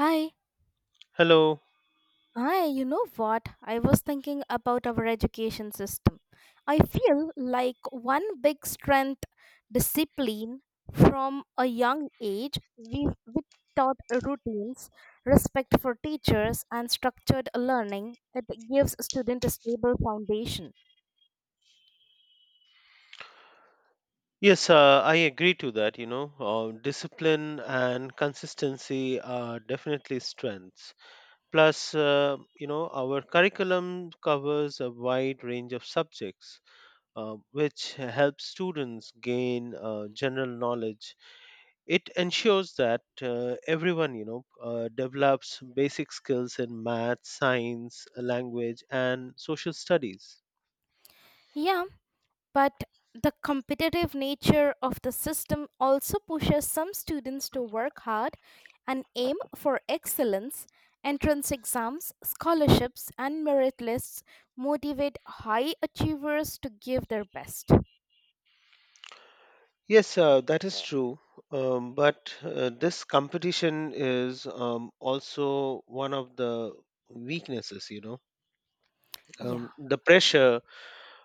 Hi, Hello. hi, you know what? I was thinking about our education system. I feel like one big strength, discipline from a young age, we taught routines, respect for teachers, and structured learning. It gives students a stable foundation. Yes, I agree to that. Discipline and consistency are definitely strengths. Plus, our curriculum covers a wide range of subjects, which helps students gain general knowledge. It ensures that everyone, develops basic skills in math, science, language, and social studies. Yeah. But the competitive nature of the system also pushes some students to work hard and aim for excellence. Entrance exams, scholarships, and merit lists motivate high achievers to give their best. Yes, that is true. But this competition is also one of the weaknesses. Yeah, The pressure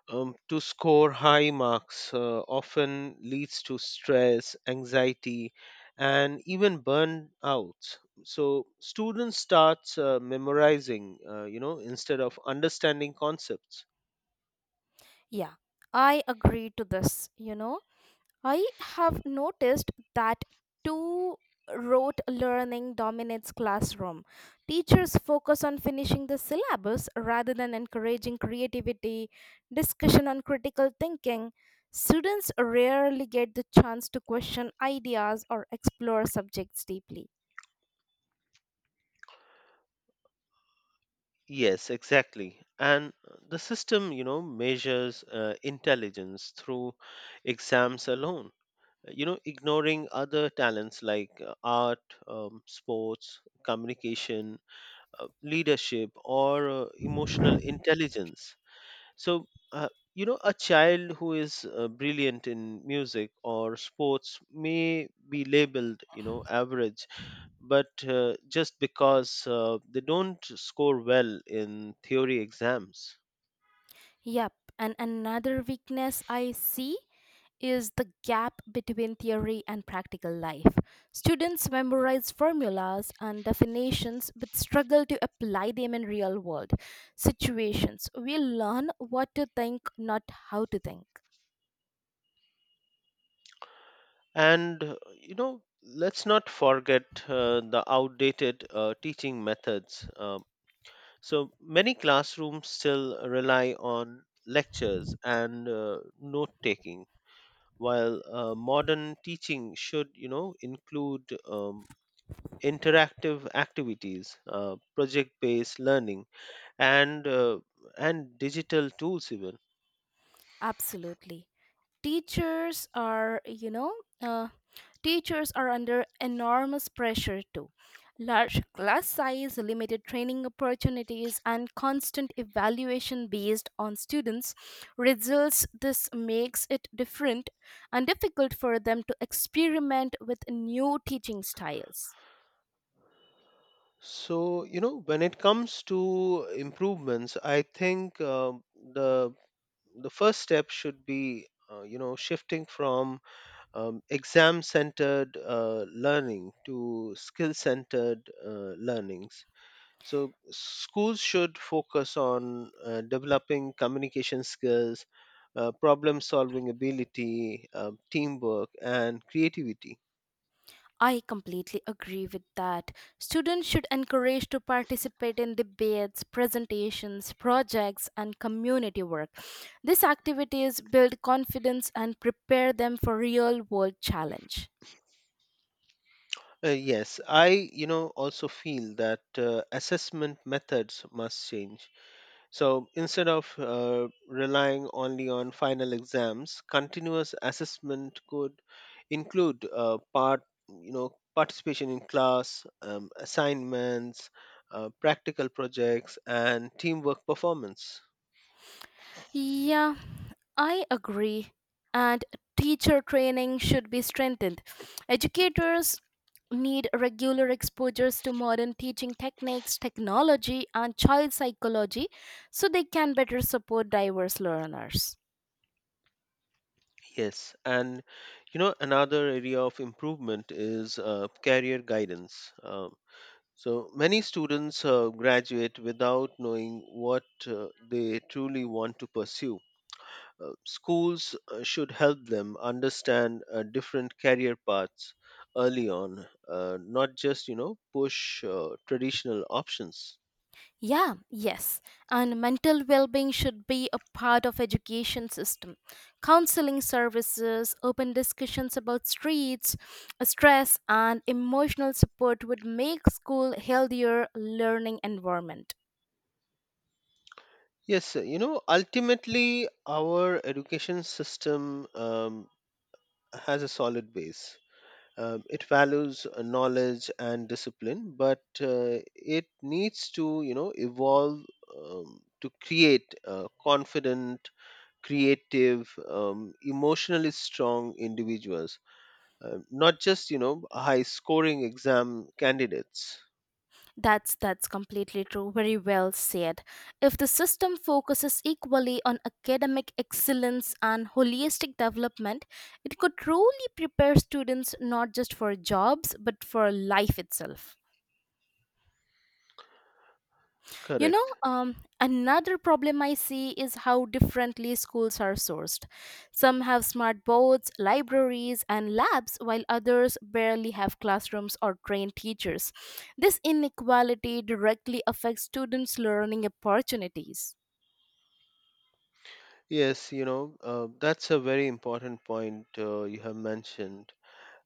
to score high marks often leads to stress, anxiety, and even burnouts. So students start memorizing, instead of understanding concepts. yeah, I agree to this, you know. I have noticed that too. Rote learning dominates classroom. Teachers focus on finishing the syllabus rather than encouraging creativity, discussion on critical thinking. Students rarely get the chance to question ideas or explore subjects deeply. Yes, exactly. And the system, measures intelligence through exams alone, ignoring other talents like art, sports, communication, leadership, or emotional intelligence. So, uh, a child who is brilliant in music or sports may be labeled, average, but just because they don't score well in theory exams. Yep, and another weakness I see is the gap between theory and practical life. Students memorize formulas and definitions but struggle to apply them in real world situations. We learn what to think, not how to think. And let's not forget the outdated teaching methods. So many classrooms still rely on lectures and note taking, while modern teaching should, include interactive activities, project-based learning, and and digital tools even. Absolutely. Teachers are, you know, uh, teachers are under enormous pressure too. Large class size, limited training opportunities, and constant evaluation based on students' results. This makes it different and difficult for them to experiment with new teaching styles. So, when it comes to improvements, I think the first step should be, shifting from exam-centered learning to skill-centered learnings. So, schools should focus on developing communication skills, problem-solving ability, teamwork, and creativity. I completely agree with that. Students should encourage to participate in debates, presentations, projects, and community work. These activities build confidence and prepare them for real-world challenge. Yes, I also feel that assessment methods must change. So instead of relying only on final exams, continuous assessment could include participation in class, assignments, practical projects, and teamwork performance. Yeah, I agree. And teacher training should be strengthened. Educators need regular exposures to modern teaching techniques, technology, and child psychology so they can better support diverse learners. Yes, and another area of improvement is career guidance. So many students graduate without knowing what they truly want to pursue. Schools should help them understand different career paths early on, not just push traditional options. Yeah, yes. And mental well-being should be a part of education system. Counseling services, open discussions about streets, stress and emotional support would make school healthier learning environment. Yes, ultimately our education system has a solid base. It values knowledge and discipline, but it needs to, evolve to create confident, creative, emotionally strong individuals, not just high-scoring exam candidates. That's completely true. Very well said. If the system focuses equally on academic excellence and holistic development, it could truly prepare students not just for jobs but for life itself. You know, Correct. Another problem I see is how differently schools are sourced. Some have smart boards, libraries, and labs, while others barely have classrooms or trained teachers. This inequality directly affects students' learning opportunities. Yes, that's a very important point you have mentioned.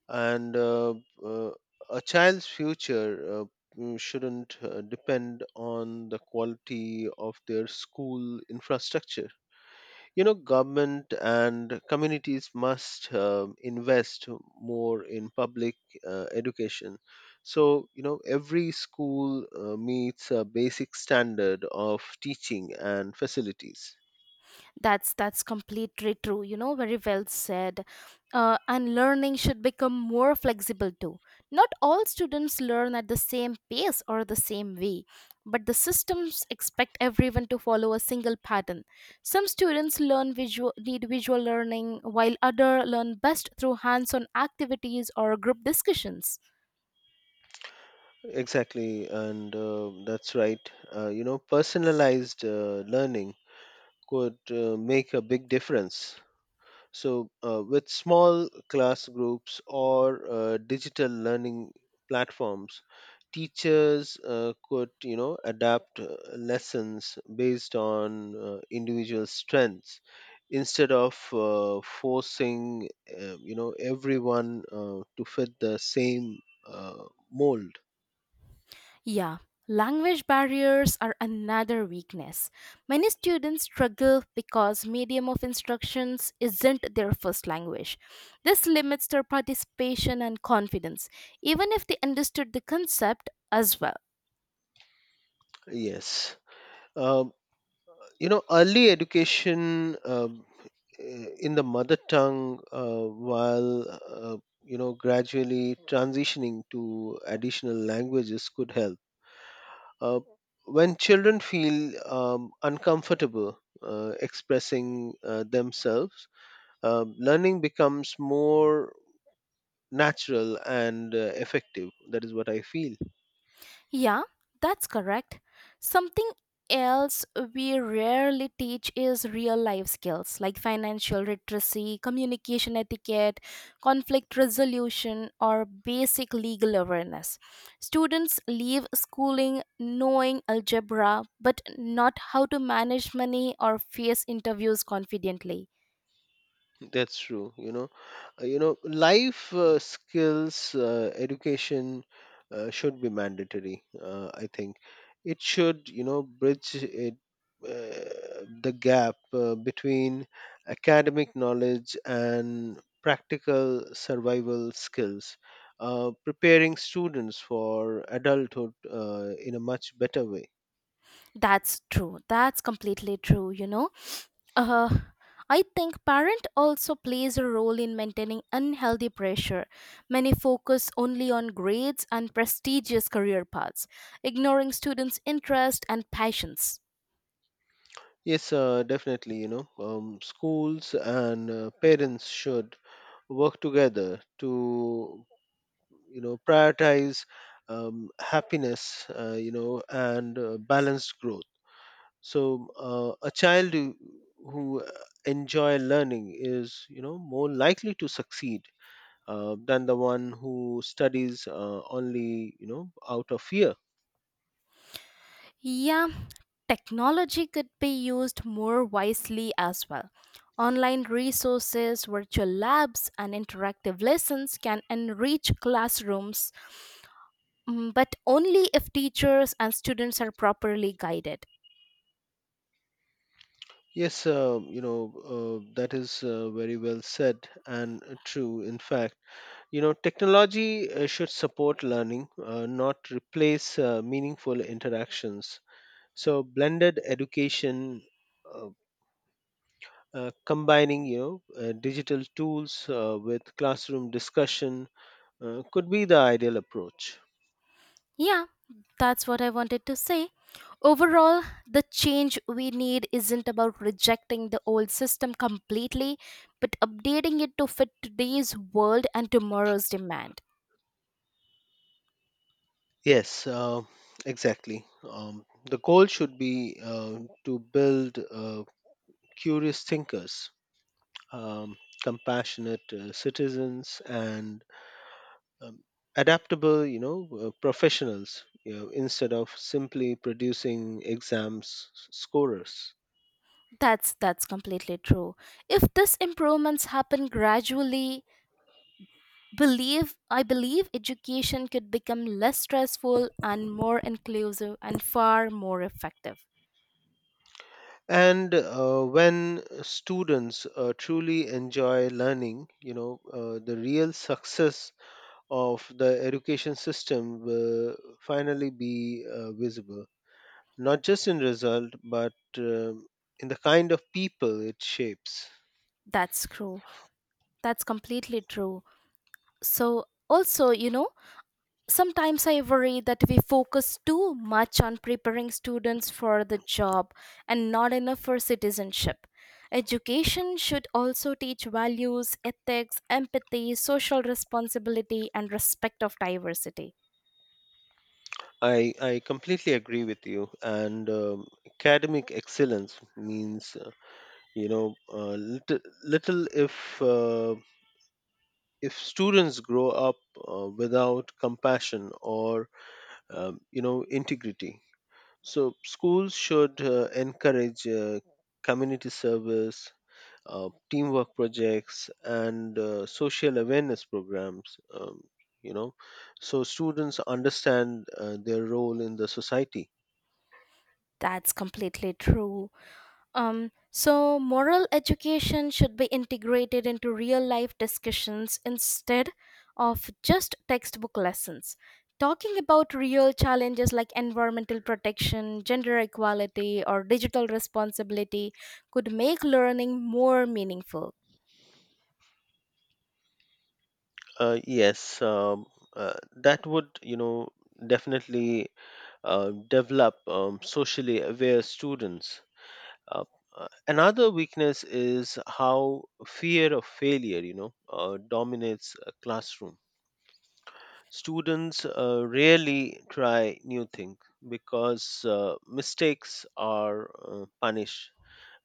And uh, a child's future shouldn't depend on the quality of their school infrastructure. Government and communities must invest more in public education, so every school meets a basic standard of teaching and facilities. That's completely true. You know, very well said. And learning should become more flexible too. Not all students learn at the same pace or the same way, but the systems expect everyone to follow a single pattern. Some students learn visual need visual learning, while other learn best through hands-on activities or group discussions. Exactly, and that's right, personalized learning could make a big difference. So, with small class groups or digital learning platforms, teachers could, adapt lessons based on individual strengths instead of forcing, everyone to fit the same uh, mold. Yeah, language barriers are another weakness. Many students struggle because medium of instructions isn't their first language. This limits their participation and confidence, even if they understood the concept as well. Yes. Um, Early education in the mother tongue while uh, gradually transitioning to additional languages could help uh, when children feel uncomfortable expressing themselves. Learning becomes more natural and effective, that is what I feel. Yeah, that's correct. Something else we rarely teach is real life skills like financial literacy, communication etiquette, conflict resolution, or basic legal awareness. Students leave schooling knowing algebra but not how to manage money or face interviews confidently. That's true. Life skills education should be mandatory. I think it should, bridge it the gap between academic knowledge and practical survival skills, preparing students for adulthood in a much better way. That's true. That's completely true, you know. Uh, I think parent also plays a role in maintaining unhealthy pressure. Many focus only on grades and prestigious career paths, ignoring students' interest and passions. Yes, definitely. Schools and parents should work together to prioritize happiness and balanced growth, so a child who enjoy learning is more likely to succeed than the one who studies only out of fear. Yeah, technology could be used more wisely as well. Online resources, virtual labs, and interactive lessons can enrich classrooms, mm, but only if teachers and students are properly guided. Yes, that is very well said and true, in fact. You know, technology should support learning, not replace meaningful interactions. So, blended education, uh, combining digital tools with classroom discussion, could be the ideal approach. Yeah, that's what I wanted to say. Overall, the change we need isn't about rejecting the old system completely, but updating it to fit today's world and tomorrow's demand. Yes, exactly. The goal should be to build curious thinkers, compassionate citizens, and um, adaptable professionals, instead of simply producing scorers. That's completely true. If these improvements happen gradually, believe I believe education could become less stressful and more inclusive and far more effective. And when students truly enjoy learning, the real success of the education system will finally be visible, not just in result, but um in the kind of people it shapes. That's true. That's completely true. So also, you know, sometimes I worry that we focus too much on preparing students for the job and not enough for citizenship. Education should also teach values, ethics, empathy, social responsibility, and respect of diversity. I completely agree with you, and academic excellence means you know uh, little, little if students grow up without compassion or integrity. So schools should encourage community service, teamwork projects, and social awareness programs, you know so students understand their role in the society. That's completely true. So, moral education should be integrated into real life discussions instead of just textbook lessons. Talking about real challenges like environmental protection, gender equality, or digital responsibility could make learning more meaningful. Yes, that would definitely develop socially aware students. Uh, Another weakness is how fear of failure, dominates a classroom. Students rarely try new things because mistakes are punished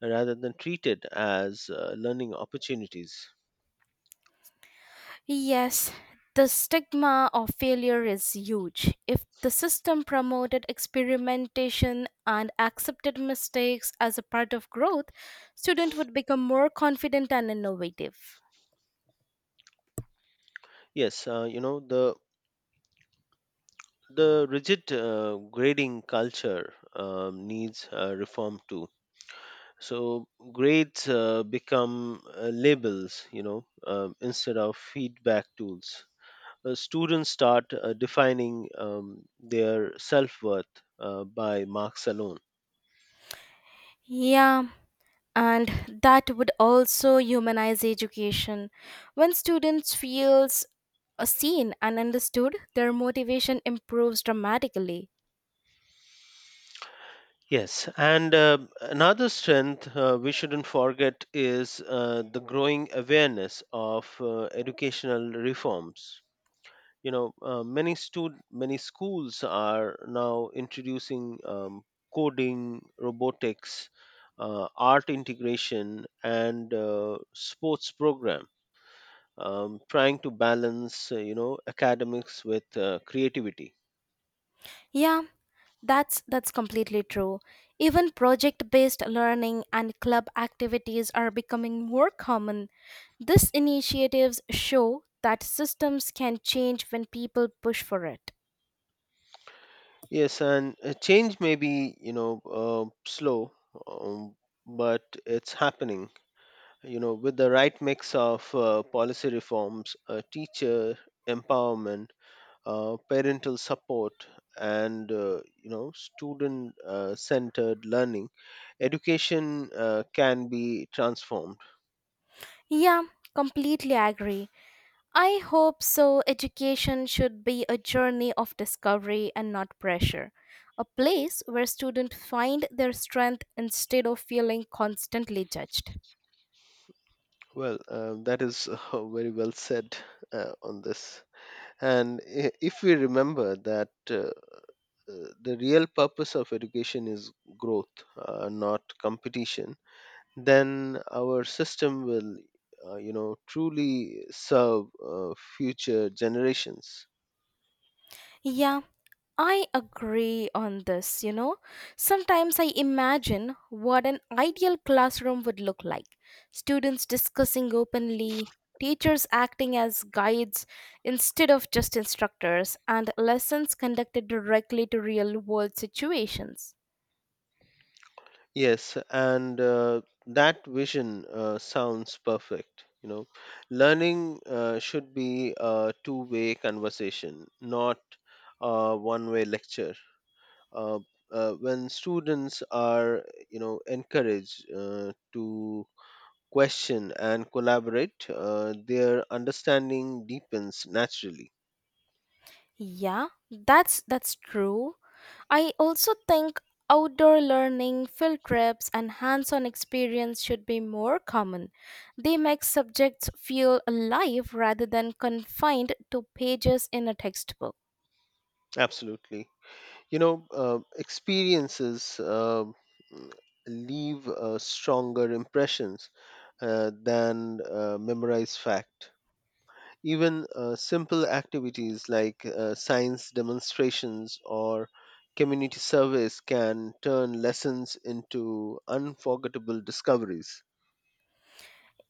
rather than treated as learning opportunities. Yes, the stigma of failure is huge. If the system promoted experimentation and accepted mistakes as a part of growth, students would become more confident and innovative. Yes, the rigid grading culture needs reform too. So grades become labels, instead of feedback tools. Students start defining their self worth by marks alone. Yeah, and that would also humanize education. When students feels seen and understood, their motivation improves dramatically. Yes, and another strength we shouldn't forget is the growing awareness of educational reforms. Many schools are now introducing coding, robotics, art integration, and sports program, trying to balance academics with creativity. Yeah. That's completely true. Even project-based learning and club activities are becoming more common. These initiatives show that systems can change when people push for it. Yes, and change may be slow, um, but it's happening. With the right mix of policy reforms, teacher empowerment, parental support, and student centered learning, education can be transformed. Yeah, completely agree. I hope so. Education should be a journey of discovery and not pressure. A place where students find their strength instead of feeling constantly judged. Well, that is very well said on this. And if we remember that the real purpose of education is growth, not competition, then our system will truly serve uh, future generations. Yeah, I agree on this, you know. Sometimes I imagine what an ideal classroom would look like: students discussing openly, teachers acting as guides instead of just instructors, and lessons conducted directly to real world situations. Yes, and that vision sounds perfect. You know, learning should be a two-way conversation, not a one-way lecture. Uh, when students are, encouraged to question and collaborate, their understanding deepens naturally. Yeah, that's true. I also think outdoor learning, field trips, and hands-on experience should be more common. They make subjects feel alive rather than confined to pages in a textbook. Absolutely. Experiences leave stronger impressions than memorize fact. Even simple activities like science demonstrations or community service can turn lessons into unforgettable discoveries.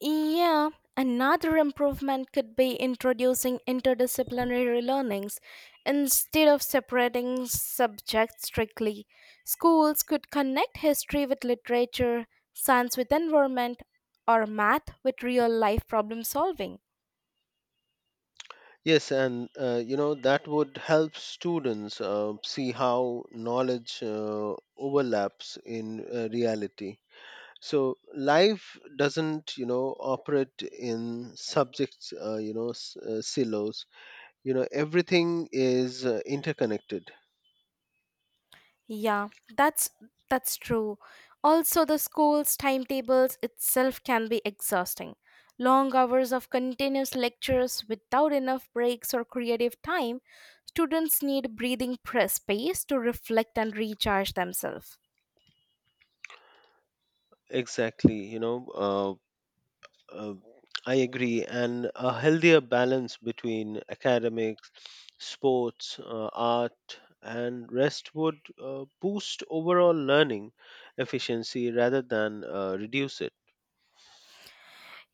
Yeah, another improvement could be introducing interdisciplinary learnings. Instead of separating subjects strictly, schools could connect history with literature, science with environment, or math with real life problem solving. Yes, and that would help students see how knowledge overlaps in reality. So life doesn't, operate in subjects, silos. Everything is interconnected. Yeah, that's that's true. Also the school's timetables itself can be exhausting. Long hours of continuous lectures without enough breaks or creative time, students need breathing space to reflect and recharge themselves. Exactly. Uh, uh, I agree, and a healthier balance between academics, sports, art, and rest would boost overall learning efficiency rather than reduce it.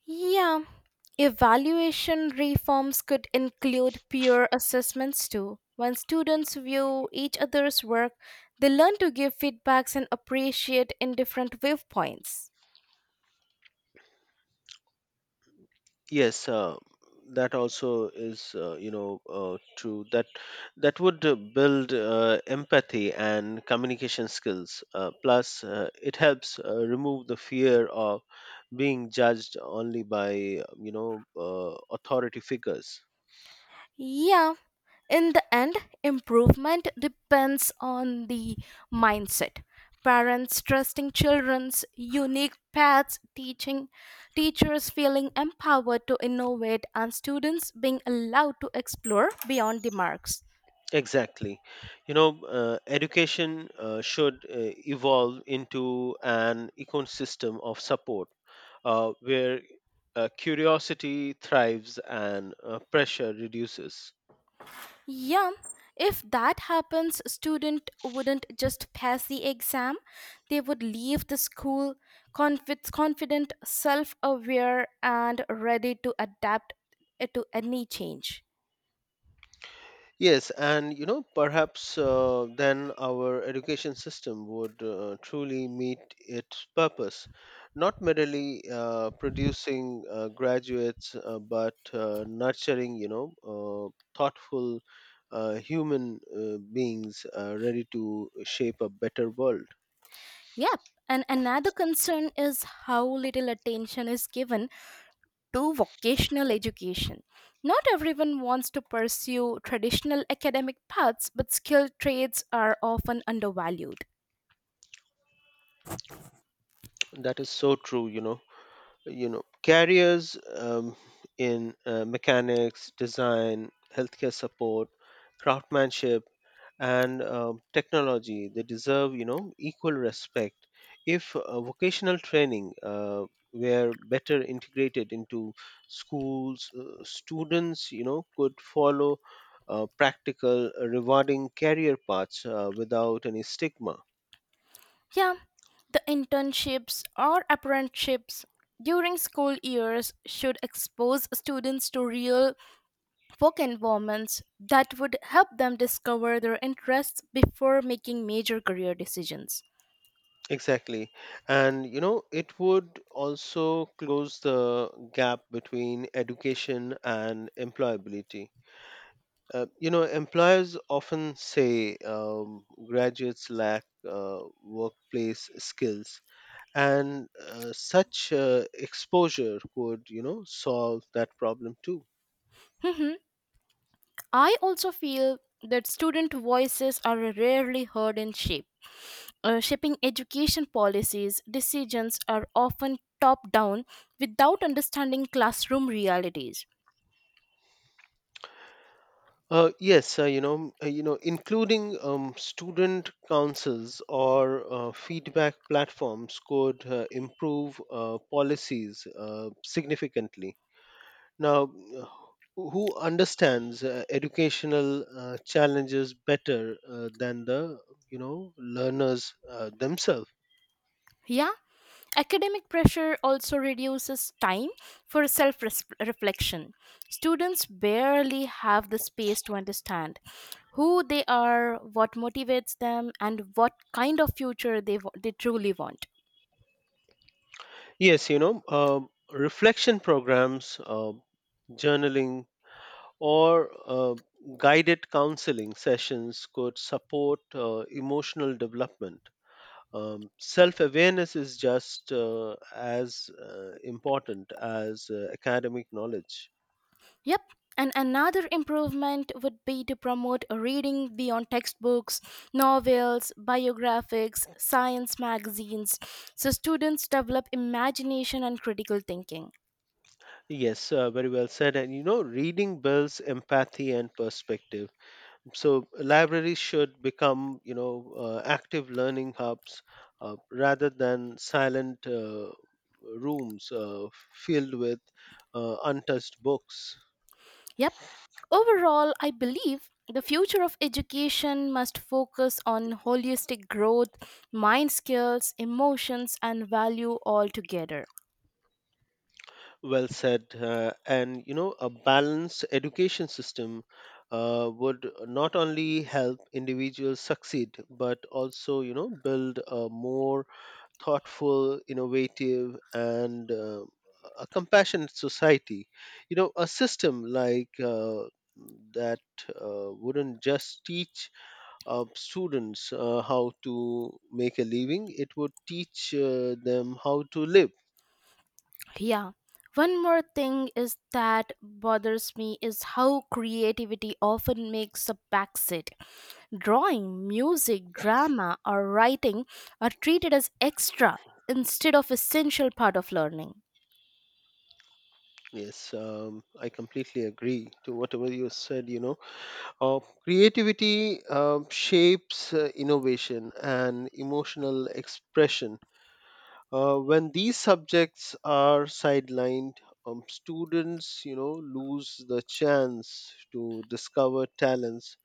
Yeah, evaluation reforms could include peer assessments too. When students view each other's work, they learn to give feedbacks and appreciate in different viewpoints. Yes, that also is, true. That would build empathy and communication skills. Plus, it helps remove the fear of being judged only by, authority figures. Yeah, in the end, improvement depends on the mindset. Parents trusting children's unique paths, teaching teachers feeling empowered to innovate, and students being allowed to explore beyond the marks. Exactly. Education should evolve into an ecosystem of support, where curiosity thrives and pressure reduces. Yeah, if that happens, student wouldn't just pass the exam. They would leave the school confident, self-aware and ready to adapt to any change. Yes, and you know, perhaps then our education system would truly meet its purpose, not merely producing graduates, but nurturing, thoughtful human beings ready to shape a better world. Yep. And another concern is how little attention is given to vocational education. Not everyone wants to pursue traditional academic paths, but skilled trades are often undervalued. That is so true, Careers in mechanics, design, healthcare support, craftsmanship, and technology, they deserve equal respect. If vocational training were better integrated into schools, students could follow practical, rewarding career paths without any stigma. Yeah, the internships or apprenticeships during school years should expose students to real work environments that would help them discover their interests before making major career decisions. Exactly. And you know, it would also close the gap between education and employability. You know, employers often say graduates lack workplace skills, and such exposure could, solve that problem too. I also feel that student voices are rarely heard in shape. Shaping education policies, decisions are often top down without understanding classroom realities. Yes, including student councils or feedback platforms could improve policies significantly. Now, uh, who understands educational challenges better than the learners themselves? Yeah, academic pressure also reduces time for self reflection. Students barely have the space to understand who they are, what motivates them, and what kind of future they truly want. Yes, reflection programs, journaling, or guided counseling sessions could support emotional development. Self awareness is just as important as academic knowledge. Yep. And another improvement would be to promote reading beyond textbooks, novels, biographics, science magazines, so students develop imagination and critical thinking. Yes, very well said. And you know, reading builds empathy and perspective. So libraries should become, active learning hubs rather than silent rooms filled with untouched books. Yep. Overall, I believe the future of education must focus on holistic growth, mind skills, emotions, and value all together. Well said. And, you know, a balanced education system would not only help individuals succeed, but also, you know, build a more thoughtful, innovative, and a compassionate society. You know, a system like that wouldn't just teach students how to make a living, it would teach them how to live. Yeah. One more thing is that bothers me is how creativity often makes a backseat. Drawing, music, drama, or writing are treated as extra instead of essential part of learning. Yes, I completely agree to whatever you said. You know, creativity shapes innovation and emotional expression. When these subjects are sidelined, students, lose the chance to discover talents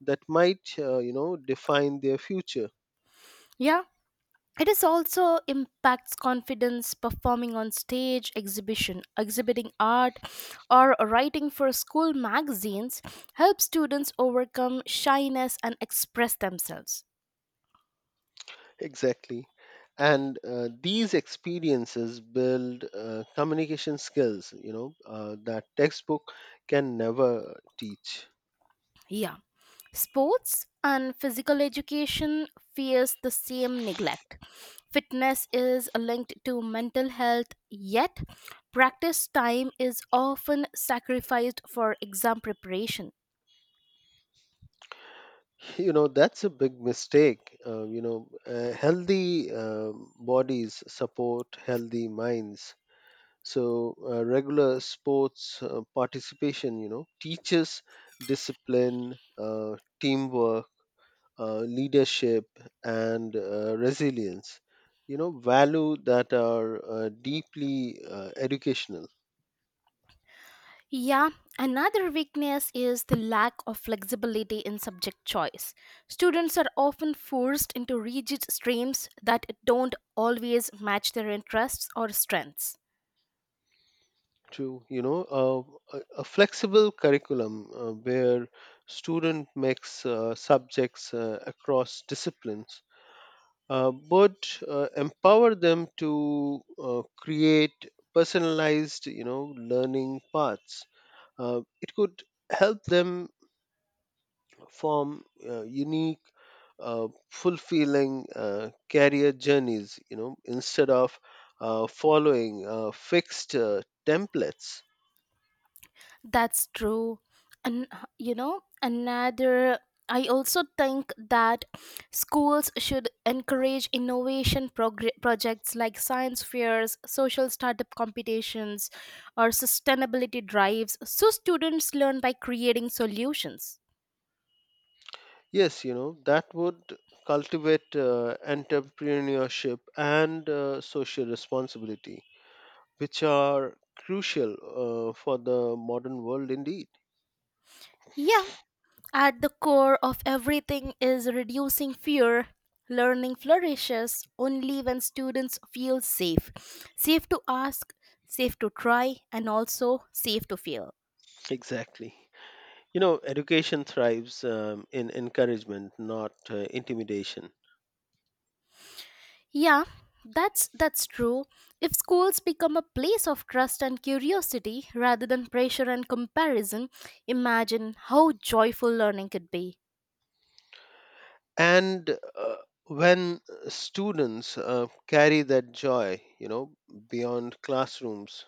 that might, define their future. Yeah, it is also impacts confidence performing on stage, exhibition, exhibiting art, or writing for school magazines helps students overcome shyness and express themselves. Exactly. And these experiences build communication skills, that textbook can never teach. Yeah, sports and physical education fears the same neglect. Fitness is linked to mental health, yet practice time is often sacrificed for exam preparation. You know, that's a big mistake. Healthy bodies support healthy minds. So, regular sports participation, teaches discipline, teamwork, leadership, and resilience, value that are deeply educational. Yeah, another weakness is the lack of flexibility in subject choice. Students are often forced into rigid streams that don't always match their interests or strengths. To you know uh, a, a flexible curriculum where student makes subjects across disciplines but empower them to create personalized learning paths, it could help them form unique, fulfilling career journeys, instead of following fixed templates. That's true. And you know, another I also think that schools should encourage innovation projects like science fairs, social startup competitions, or sustainability drives so students learn by creating solutions. Yes, that would cultivate entrepreneurship and social responsibility, which are crucial for the modern world indeed. Yeah, at the core of everything is reducing fear. Learning flourishes only when students feel safe. Safe to ask, safe to try, and also safe to fail. Exactly. Education thrives in encouragement, not intimidation. Yeah, that's true. If schools become a place of trust and curiosity rather than pressure and comparison, imagine how joyful learning could be. And uh, when students carry that joy beyond classrooms,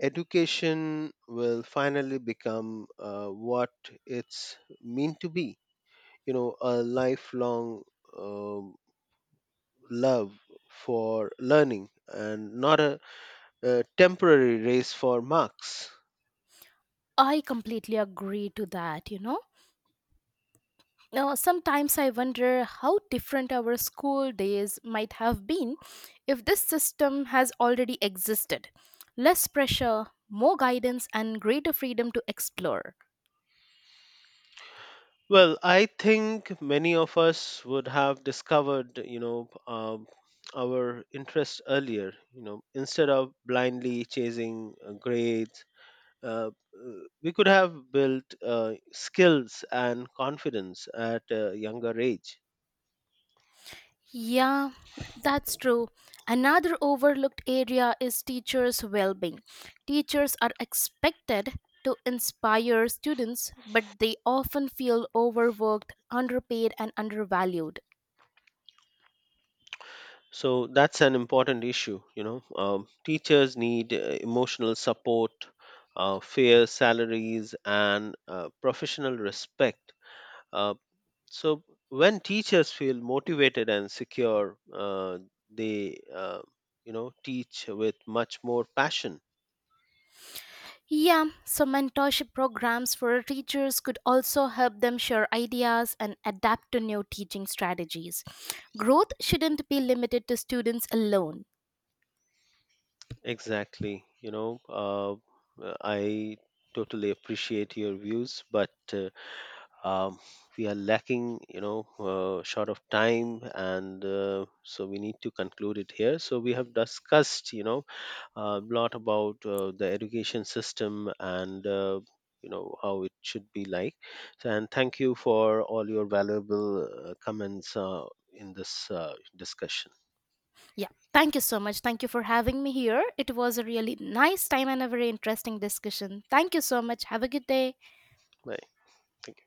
education will finally become what it's meant to be, a lifelong um love for learning, and not a temporary race for marks. I completely agree to that, you know. Now, sometimes I wonder how different our school days might have been if this system has already existed. Less pressure, more guidance, and greater freedom to explore. Well, I think many of us would have discovered, our interest earlier. You know, instead of blindly chasing grades, uh, uh, we could have built skills and confidence at a younger age. Yeah, that's true. Another overlooked area is teachers' well being. Teachers are expected to inspire students, but they often feel overworked, underpaid, and undervalued. So that's an important issue. Teachers need emotional support, fair salaries, and professional respect. Uh, So when teachers feel motivated and secure, they teach with much more passion. Yeah, so mentorship programs for teachers could also help them share ideas and adapt to new teaching strategies. Growth shouldn't be limited to students alone. Exactly. I totally appreciate your views, but um, we are lacking, short of time, and so we need to conclude it here. So we have discussed, a lot about the education system and you know how it should be like. So, and thank you for all your valuable comments in this discussion. Yeah, thank you so much. Thank you for having me here. It was a really nice time and a very interesting discussion. Thank you so much. Have a good day. Bye. Thank